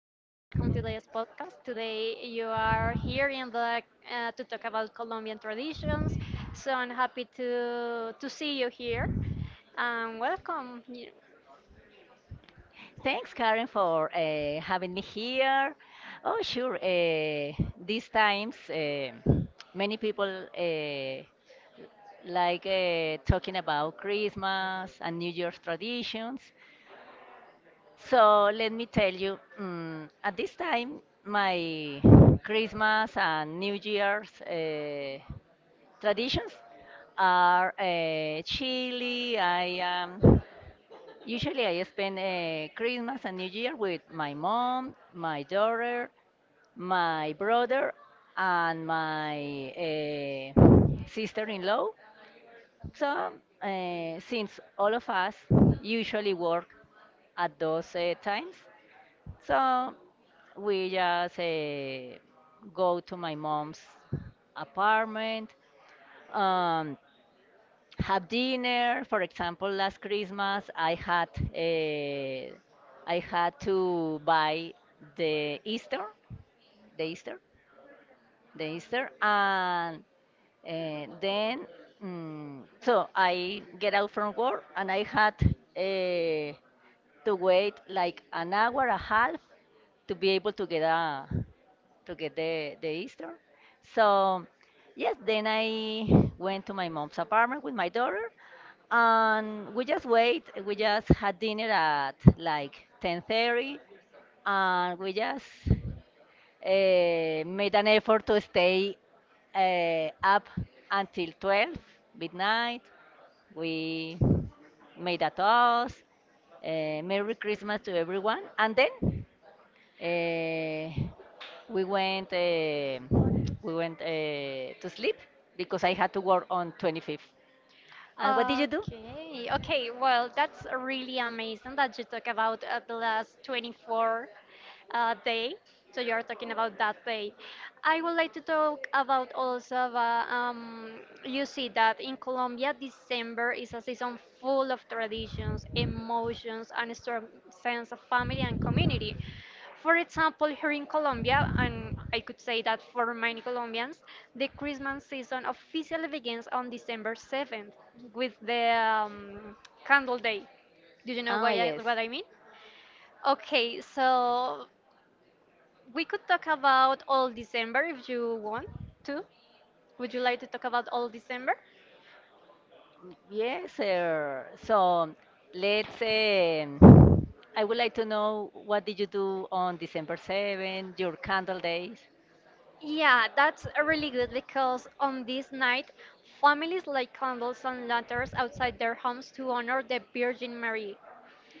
to this podcast. Today, you are here in the to talk about Colombian traditions. So I'm happy to see you here. Welcome. Okay, okay. Well, that's really amazing that you talk about the last 24 day. So you are talking about that day. I would like to talk about also about, you see that in Colombia, December is a season full of traditions, emotions, and a strong sense of family and community. For example, here in Colombia, and I could say that for many Colombians, the Christmas season officially begins on December 7th with the Candle Day. Do you know what I mean? Okay, so we could talk about all December if you want to. Would you like to talk about all December? Yeah, that's really good because on this night, families light candles and lanterns outside their homes to honor the Virgin Mary.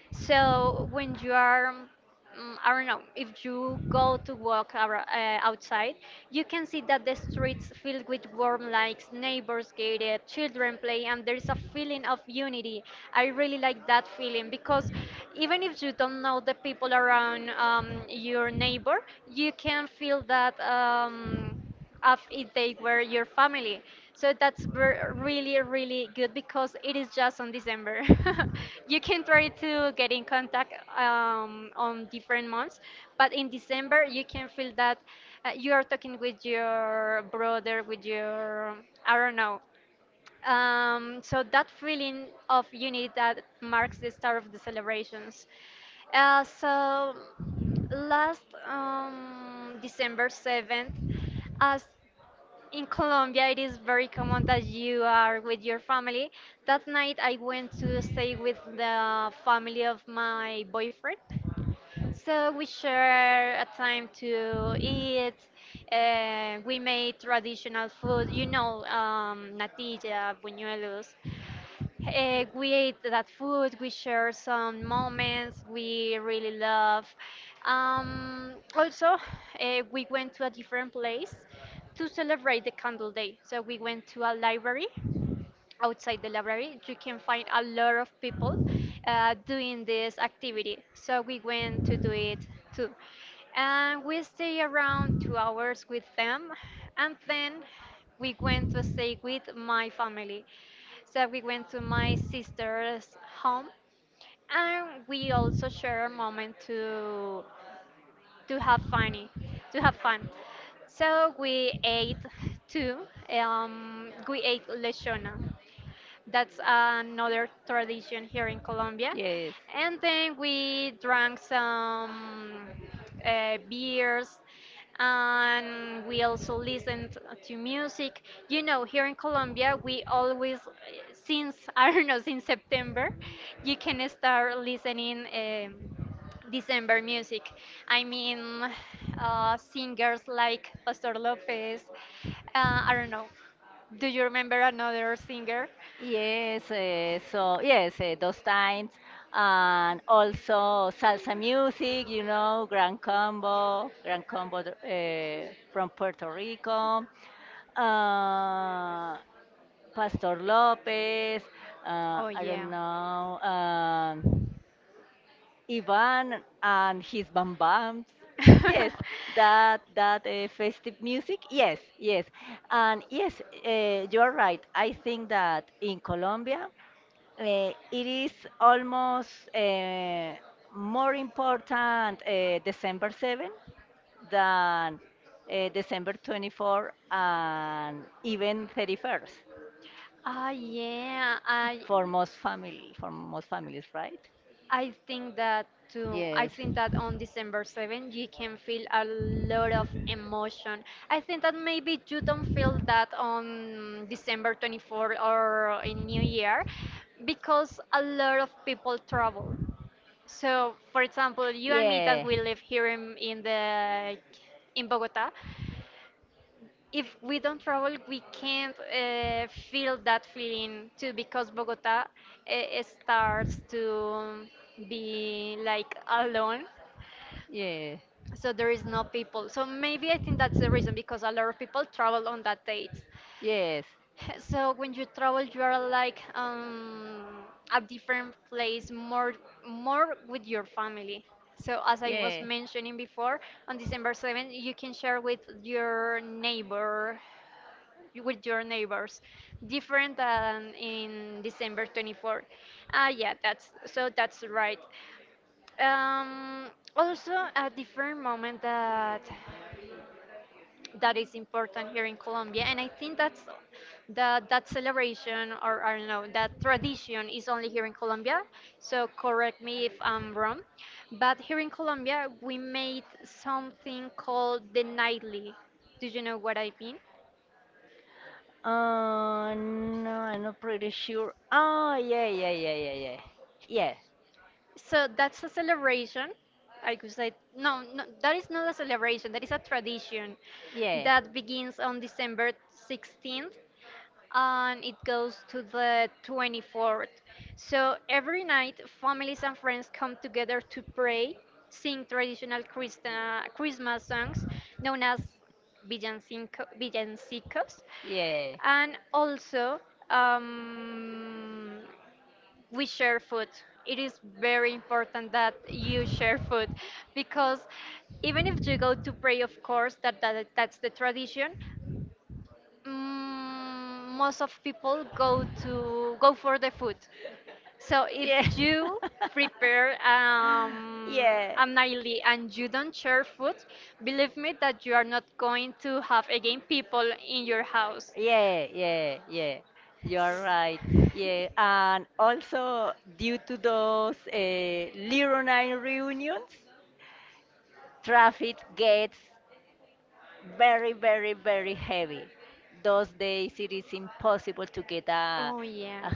So when you are, I don't know, if you go to walk outside, you can see that the streets filled with warm lights, neighbors gated, children play, and there is a feeling of unity. I really like that feeling because even if you don't know the people around your neighbor, you can feel that. Of if they were your family. So that's really, really good because it is just on December. You can try to get in contact on different months, but in December you can feel that you are talking with your brother, with your, I don't know. So that feeling of unity that marks the start of the celebrations. So last December 7th, as in Colombia, it is very common that you are with your family. That night, I went to stay with the family of my boyfriend. So we share a time to eat. We made traditional food, you know, natilla, buñuelos. We ate that food, we shared some moments we really love. Also, we went to a different place to celebrate the candle day. So we went to a library. Outside the library you can find a lot of people doing this activity, so we went to do it too, and we stay around 2 hours with them. And then we went to stay with my family, so we went to my sister's home, and we also share a moment to have funny to have fun. So we ate too. We ate lechona. That's another tradition here in Colombia. And then we drank some beers, and we also listened to music. You know, here in Colombia, we always, since, I don't know, since September, you can start listening December music. I mean, singers like Pastor Lopez, I don't know. Do you remember another singer? Oh yeah. uh, um, Ah yeah. I right? I think that too. I think that on December 7th, you can feel a lot of emotion. I think that maybe you don't feel that on December 24th or in New Year because a lot of people travel. So, for example, you and me that we live here in the in Bogota, if we don't travel, we can't feel that feeling too because Bogota starts to be like alone. So there is no people. So maybe I think that's the reason because a lot of people travel on that date. So when you travel, you are like a different place, more with your family. So as I was mentioning before, on December 7th, you can share with your neighbor, with your neighbors, different than in December 24. Ah, yeah, that's so that's right. Um, also a different moment that is important here in Colombia. And I think that that celebration or I don't know that tradition is only here in Colombia. So correct me if I'm wrong, but here in Colombia we made something called the nightly. Do you know what I mean? So that's a celebration. I could say no, no, that is not a celebration. That is a tradition that begins on December 16th and it goes to the 24th. So every night, families and friends come together to pray, sing traditional Christmas songs known as villancicos, and also, um, we share food. It is very important that you share food, because even if you go to pray, of course, that's the tradition, most of people go to go for the food. So if you prepare a nightly and you don't share food, believe me that you are not going to have again people in your house. Oh yeah.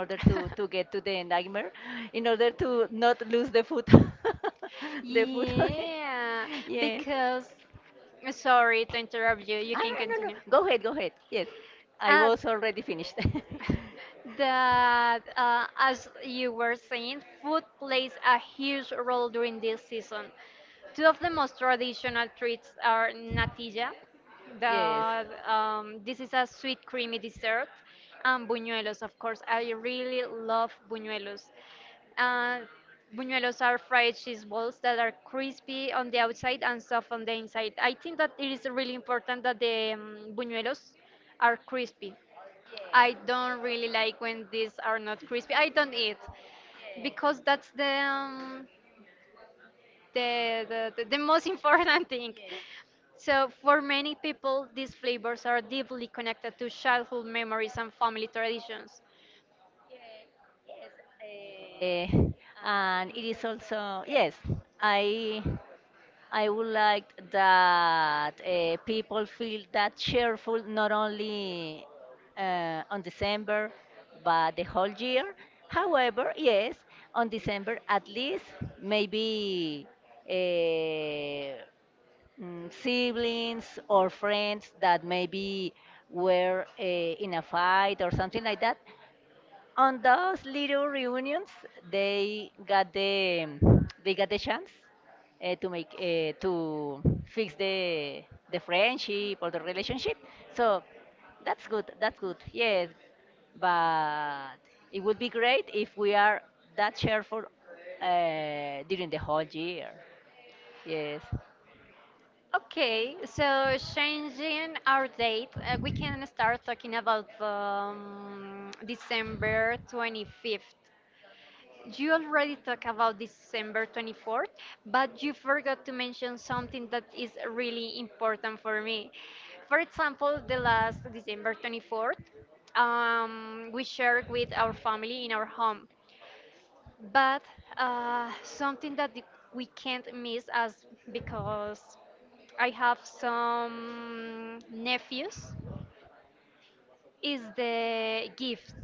Food. Yeah, yes. Because sorry to interrupt you, you can continue. Uh, that as you were saying, food plays a huge role during this season. Two of the most traditional treats are natilla. This is a sweet creamy dessert, and buñuelos. Of course, I really love buñuelos. Uh, Buñuelos are fried cheese balls that are crispy on the outside and soft on the inside. I think that it is really important that the buñuelos are crispy. I don't really like when these are not crispy. I don't eat because that's the most important thing. So for many people, these flavors are deeply connected to childhood memories and family traditions. Okay, so changing our date, we can start talking about December 25th. You already talked about December 24th, but you forgot to mention something that is really important for me. For example, the last December 24th, we shared with our family in our home. But something that we can't miss as because I have some nephews. Is the gifts.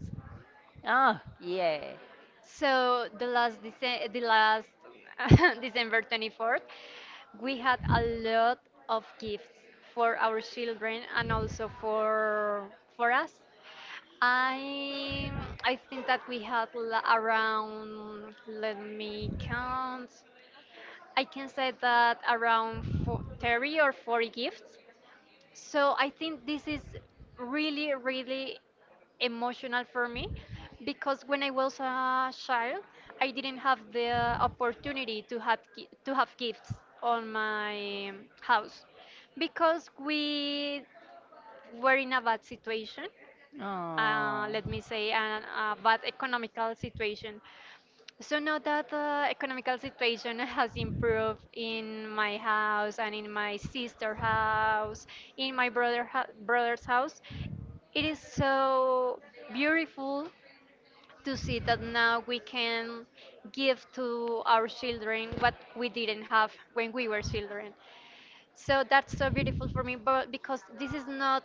So the last December 24th, we had a lot of gifts for our children and also for us. I I think that we had around let me count. I can say that around 30 or 40 gifts. So I think this is really, really emotional for me, because when I was a child, I didn't have the opportunity to have gifts on my house because we were in a bad situation. Let me say a bad economical situation. So now that the economical situation has improved in my house and in my sister's house, in my brother's house, it is so beautiful to see that now we can give to our children what we didn't have when we were children. So that's so beautiful for me, but because this is not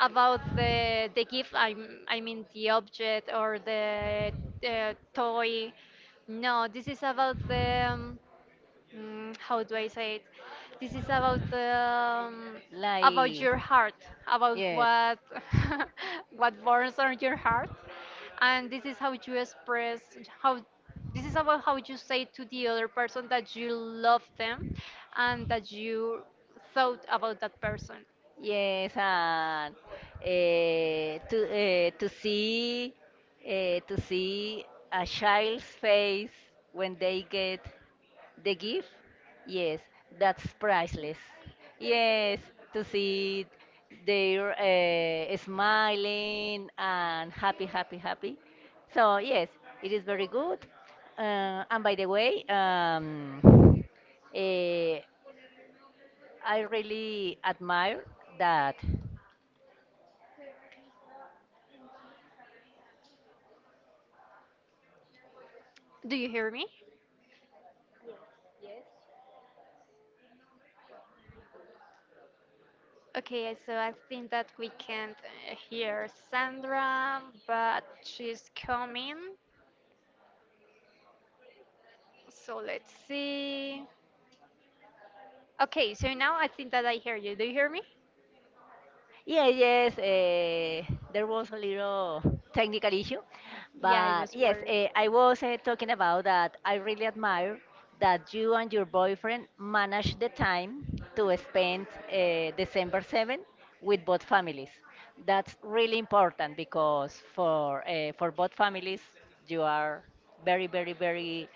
about the gift. I mean the object or the toy. No, this is about the how do I say it? This is about your heart, about what what burns on your heart, and this is how you express how this is about how you say to the other person that you love them and that you thought about that person. Do you hear me? Okay, so I think that we can't hear Sandra, but she's coming. So let's see. Okay, so now I think that I hear you. Do you hear me? Yeah, yes, there was a little technical issue, Yeah, I but was yes, worried. I was talking about that I really admire that you and your boyfriend managed the time to spend December 7 with both families. That's really important because for both families, you are very, very, very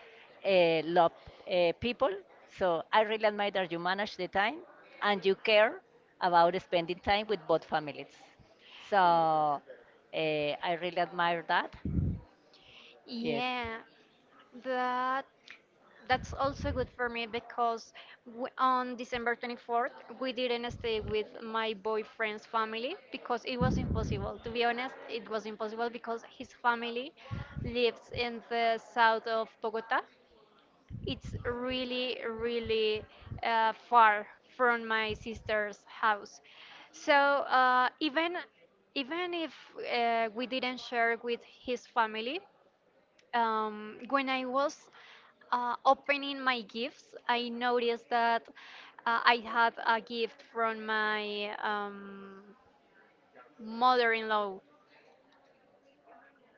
uh, loved people. So I really admire that you manage the time and you care about spending time with both families. So I really admire that. Yes. Yeah, that that's also good for me because w on December 24th we didn't stay with my boyfriend's family because it was impossible. To be honest, it was impossible because his family lives in the south of Bogota. It's really, really far from my sister's house. So even if we didn't share with his family, when I was opening my gifts, I noticed that I had a gift from my mother-in-law,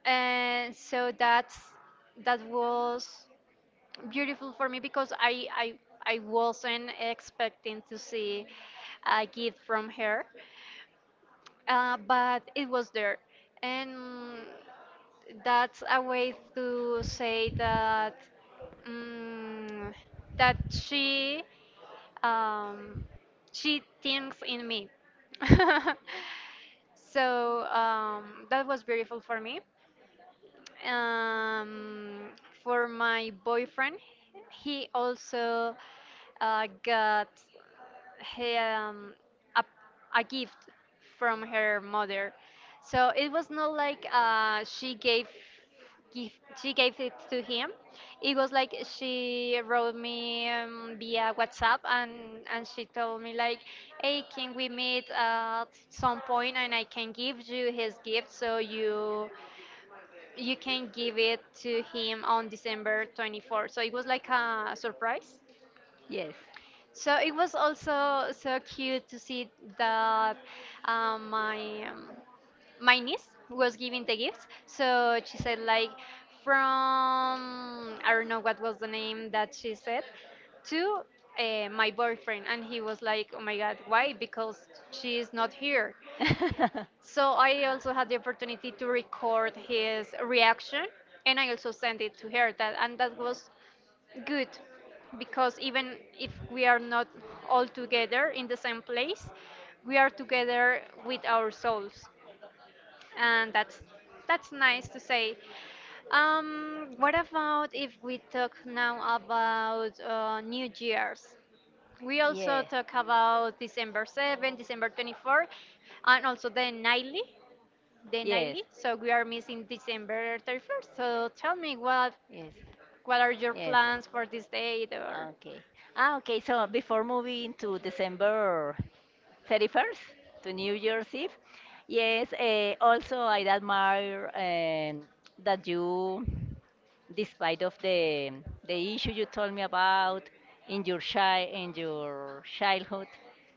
and so that's that was beautiful for me because I wasn't expecting to see a gift from her, but it was there, and that's a way to say that mm that um, she thinks in me. Yes. So that was beautiful for me. Um, for my boyfriend, he also got he, um, a, a gift from her mother. So it was not like give, she gave it to him. It was like she wrote me via WhatsApp, and she told me like, "Hey, can we meet at some point and I can give you his gift so you can give it to him on December 24th." So it was like a surprise. Yes. So it was also so cute to see that my my niece was giving the gifts. So she said like from I don't know what was the name that she said to my boyfriend, and he was like, "Oh my God, why? Because she is not here." So I also had the opportunity to record his reaction, and I also sent it to her. That was good, because even if we are not all together in the same place, we are together with our souls, and that's nice to say. What about if we talk now about New Year's? We also yeah, talk about December 7th, December 24th, and also the nightly the yes, nightly. So we are missing December 31st. So tell me what yes, what are your yes. plans for this date or Okay. Okay. So before moving to December 31st, to New Year's Eve. Yes, also I admire that you, despite of the issue you told me about in your childhood,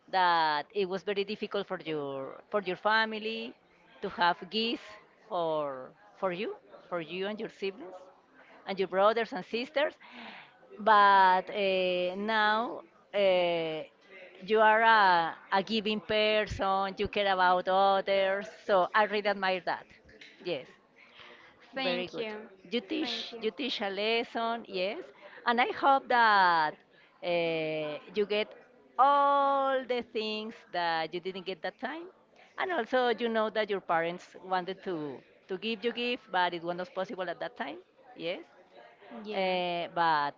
that it was very difficult for your family to have gifts for for you, for you and your siblings and your brothers and sisters, but now uh, you are a giving person. You care about others, so I really admire that. Yes, very thank good. you. you Thank teach you. you teach a lesson, yes. And I hope that you get all the things that you didn't get that time. And also, you know that your parents wanted to give you gift, but it was not possible at that time, yes. Yeah. But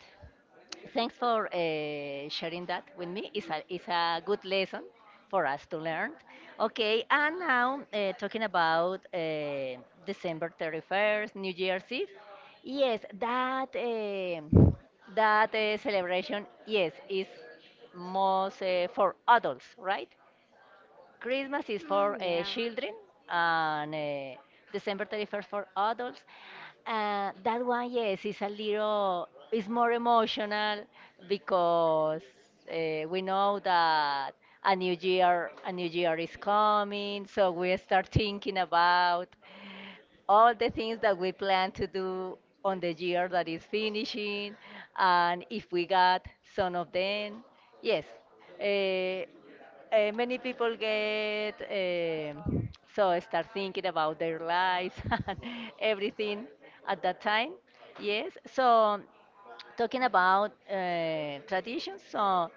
thanks for sharing that with me. It's a good lesson for us to learn. Okay, and now talking about December 31st, New Year's Eve. Yes, that celebration, yes, is most for adults, right? Christmas is for Mm, yeah. children, and December 31st for adults. That one, yes, is a little, is more emotional because we know that a new year is coming, so we start thinking about all the things that we plan to do on the year that is finishing, and if we got some of them, yes. Uh, many people get so start thinking about their lives and everything at that time. Yes. So talking about traditions, so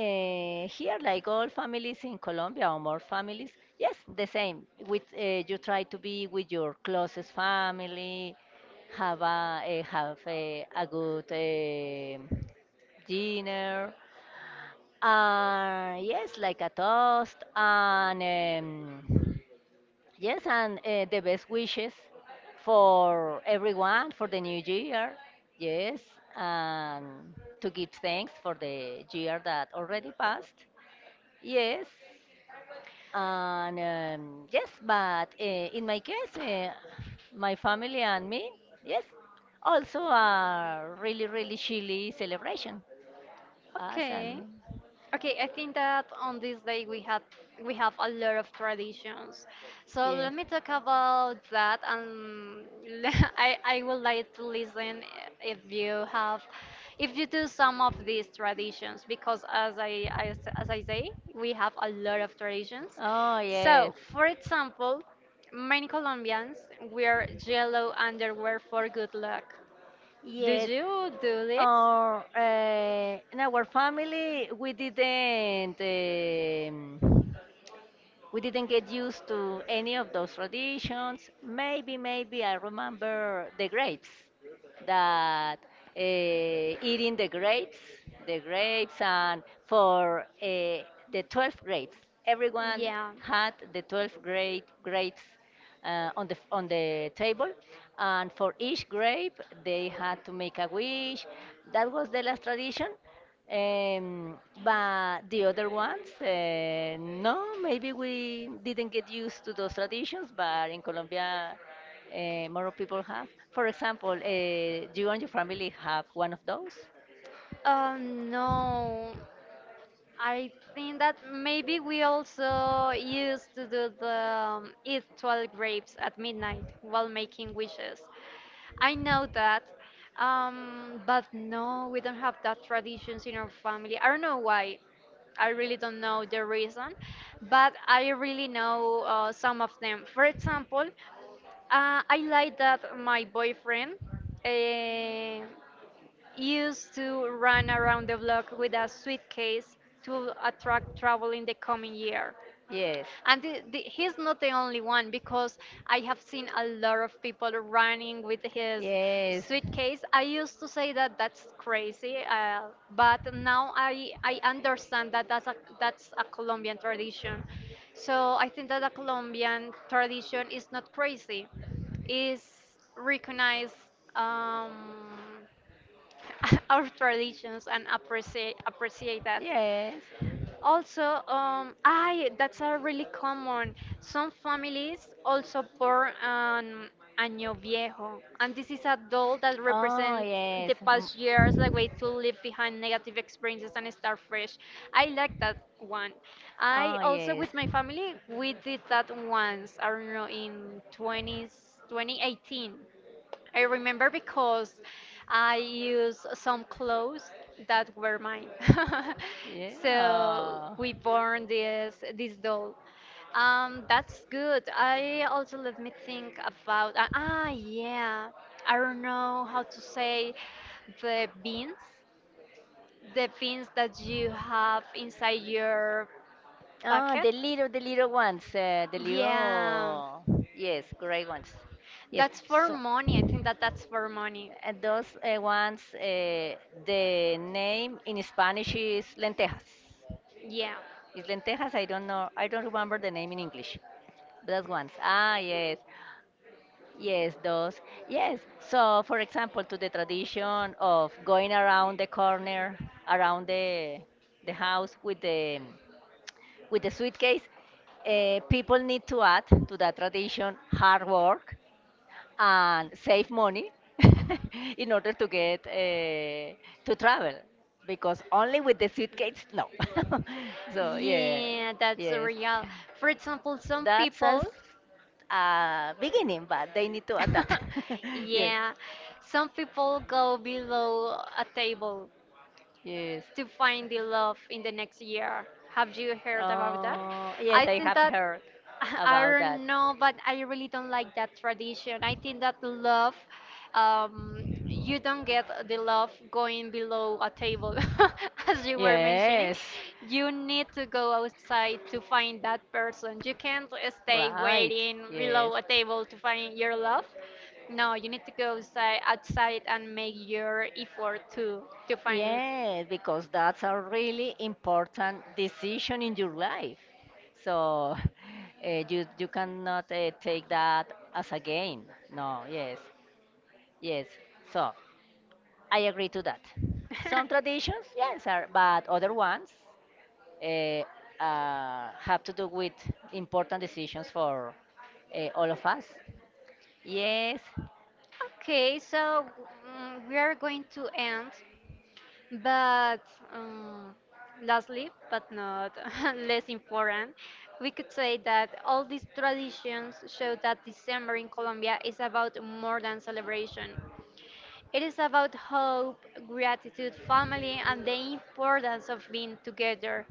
here, like all families in Colombia or more families, yes, the same. With you try to be with your closest family, have a good dinner, yes, like a toast, and yes, and the best wishes for everyone for the new year. Yes, and to give thanks for the year that already passed. Yes, and yes, but in my case, my family and me, yes, also a really, really chilly celebration. Awesome. Okay. Okay, I think that on this day we had we have a lot of traditions. So Yes. let me talk about that, and I would like to listen if you have if you do some of these traditions because as I say we have a lot of traditions. Oh, yes. So for example, many Colombians wear yellow underwear for good luck. Do Yes. you do this? Or in our family, we didn't. Um, we didn't get used to any of those traditions. Maybe, maybe I remember the grapes, that eating the grapes, and for the 12 grapes, everyone had the 12 grapes on the table, and for each grape they had to make a wish. That was the last tradition. But the other ones, no, maybe we didn't get used to those traditions. But in Colombia, more people have. For example, you and your family have one of those. No. I think that maybe we also used to do the eat 12 grapes at midnight while making wishes. I know that, but no, we don't have that traditions in our family. I don't know why. I really don't know the reason, but I really know some of them. For example, I like that my boyfriend uh, used to run around the block with a suitcase to attract travel in the coming year. Yes. And he's not the only one because I have seen a lot of people running with his Yes. suitcase. I used to say that that's crazy, but now I understand that that's a Colombian tradition. So I think that the Colombian tradition is not crazy, is recognize um, our traditions and appreciate that. Yes. Also, I that's a really common. Some families also pour an año viejo, and this is a doll that Oh, represents yes. the M- past years, like way to leave behind negative experiences and start fresh. I like that one. I Oh, also yes. with my family we did that once. I don't know in 2018. I remember because I used some clothes that were mine. So Yeah. we born this doll. That's good. I also let me think about yeah. I don't know how to say the beans, the beans that you have inside your Ah, packet. The little ones, Yeah, yes, gray ones. Yes. that's for So money. I think that that's for money. Those ones, the name in Spanish is lentejas. Yeah. Is lentejas? I don't know. I don't remember the name in English. Those ones. Ah, yes. Yes, those. Yes. So, for example, to the tradition of going around the corner, around the house with the suitcase, people need to add to that tradition hard work and save money in order to get to travel, because only with the suitcase, no. so yeah, Yeah, that's yes. real. For example, That's a beginning, but they need to add that. yes, yeah, some people go below a table yes. to find the love in the next year. Have you heard about that? Oh, yes, I I think have that heard I about that. don't know, but I really don't like that tradition. I think that um, you don't get the love going below a table, as you were mentioning. Yes, You need to go outside to find that person. You can't stay right. waiting Yes, below a table to find your love. No, you need to go outside, outside and make your effort to find it. yes, because that's a really important decision in your life. So you cannot take that as a game. No, yes, yes. So I agree to that. Some traditions, yes, are, but other ones uh, have to do with important decisions for all of us. Yes, Okay, so mm, we are going to end, but um, lastly, but not less important, we could say that all these traditions show that December in Colombia is about more than celebration. It is about hope, gratitude, family, and the importance of being together.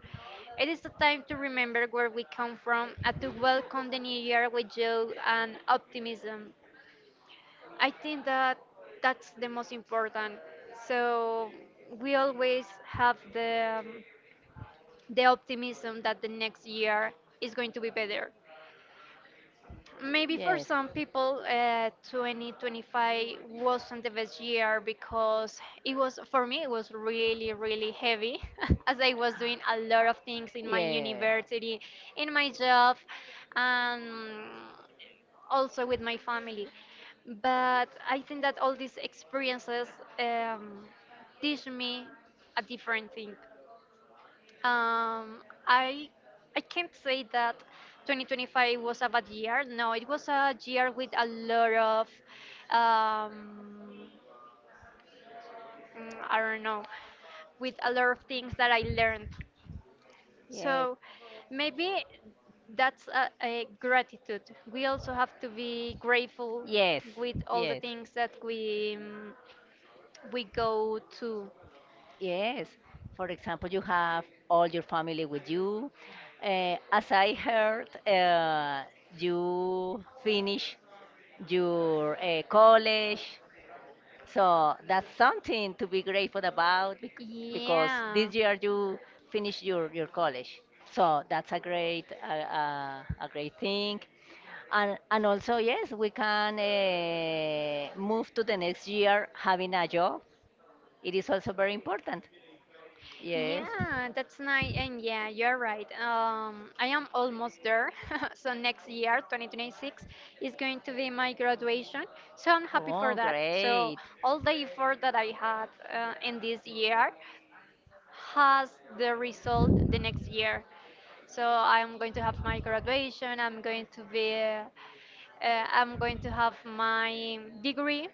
It is the time to remember where we come from and to welcome the new year with joy and optimism. I think that that's the most important. So we always have the optimism that the next year is going to be better. Maybe for yes. some people, 2025 wasn't the best year because it was, for me, it was really, really heavy as I was doing a lot of things in my Yeah. university, in my job, and also with my family. But I think that all these experiences um, teach me a different thing. Um, I I can't say that 2025 was a bad year. No, it was a year with a lot of um, mm, I don't know, with a lot of things that I learned. Yes. So maybe that's a gratitude. We also have to be grateful Yes. with all the yes. Yes. Things that we mm, we go to. Yes. For example, you have all your family with you. As I heard, you finish your college. So that's something to be grateful about because Yeah. this year you finish your college. So that's a great thing. And also, yes, we can move to the next year having a job. It is also very important. Yes. Yeah, that's nice. And yeah, you're right. I am almost there. So next year, 2026, is going to be my graduation. So I'm happy for Oh, that. So great. all the effort that I had in this year has the result the next year. So I'm going to have my graduation. I'm going to be. I'm going to have my degree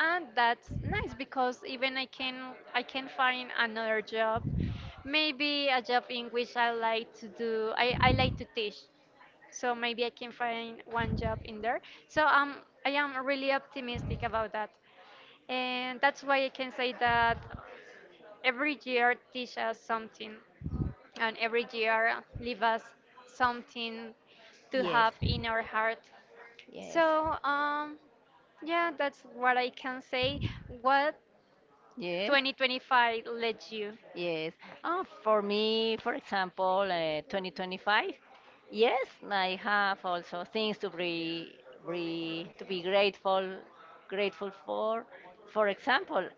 and that's nice because even I can find another job, maybe a job in which I like to do I like to teach, so maybe I can find one job in there. So I am really optimistic about that, and that's why I can say that every year teach us something, and every year leave us something to Yes. have in our heart. Yes. So, yeah, that's what I can say. What Yes. 2025 led you? Yes. Oh, for me, for example, 2025. Yes, I have also things to be grateful for. For example,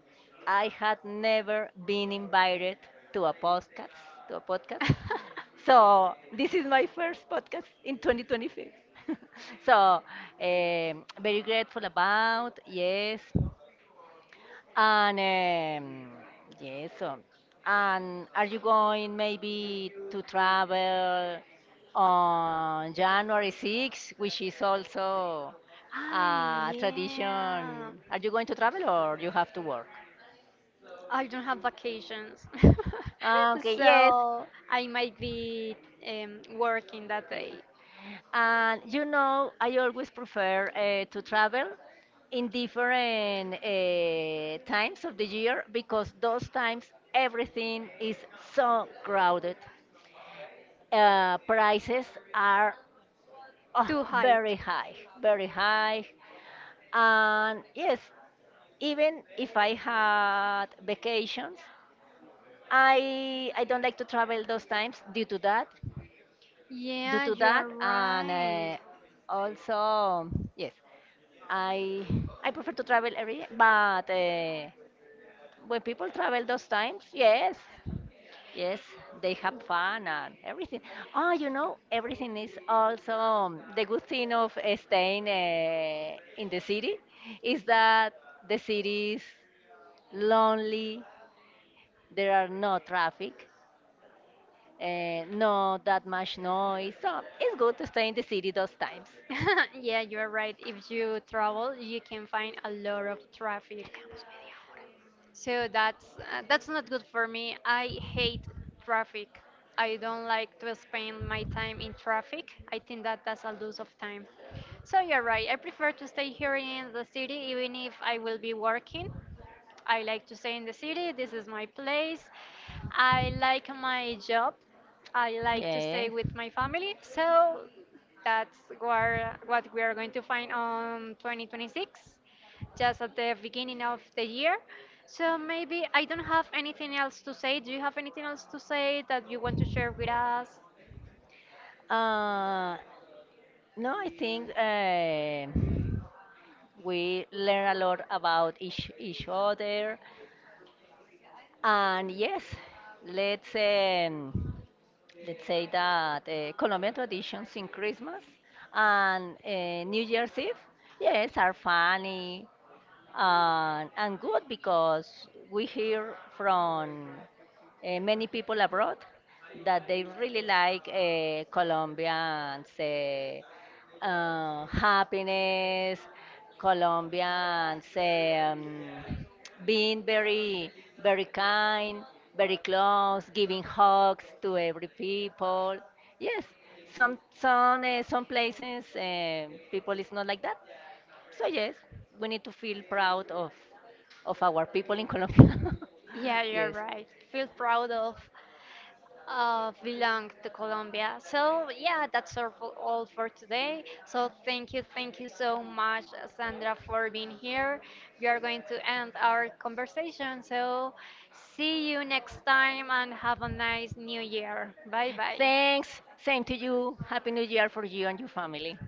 I had never been invited to a podcast to a podcast. So this is my first podcast in 2025. so very grateful about yes. And yes, and are you going maybe to travel on January 6th, which is also Ah, a tradition? yeah. Are you going to travel or you have to work? I don't have vacations. Ah, okay, yes. So I might be working that Yes. day. And you know, I always prefer to travel in different times of the year because those times everything is so crowded. Prices are oh, Too high. very high, very high. And yes, even if I had vacations, I don't like to travel those times due Yeah, to you that, are and right. Also yes, I I prefer to travel every, but when people travel those times, yes, yes, they have fun and everything. Oh, you know, everything is also the good thing of staying in the city is that the city is lonely. There are no traffic, no that much noise. So it's good to stay in the city those times. Yeah, you're right. If you travel, you can find a lot of traffic. So that's not good for me. I hate traffic. I don't like to spend my time in traffic. I think that that's a lose of time. So you're right. I prefer to stay here in the city even if I will be working. I like to stay in the city. This is my place. I like my job. I like to stay Yeah. with my family. So what we are going to find on 2026, just at the beginning of the year. So maybe I don't have anything else to say. Do you have anything else to say that you want to share with us? Uh, no, I think we learn a lot about each other. And yes, let's um, let's say that Colombian traditions in Christmas and New Year's Eve, yes, are funny, and good because we hear from many people abroad that they really like Colombians happiness, Colombians being very kind, very close, giving hugs to every people. Yes, some places people is not like that. So yes, we need to feel proud of our people in Colombia. Yeah, you're yes. right. Feel proud of belong to Colombia. So yeah, all for today. So thank you so much, Sandra, for being here. We are going to end our conversation. So see you next time and have a nice new year. Bye bye. Thanks. Thanks. Same to you. Happy New Year for you and your family.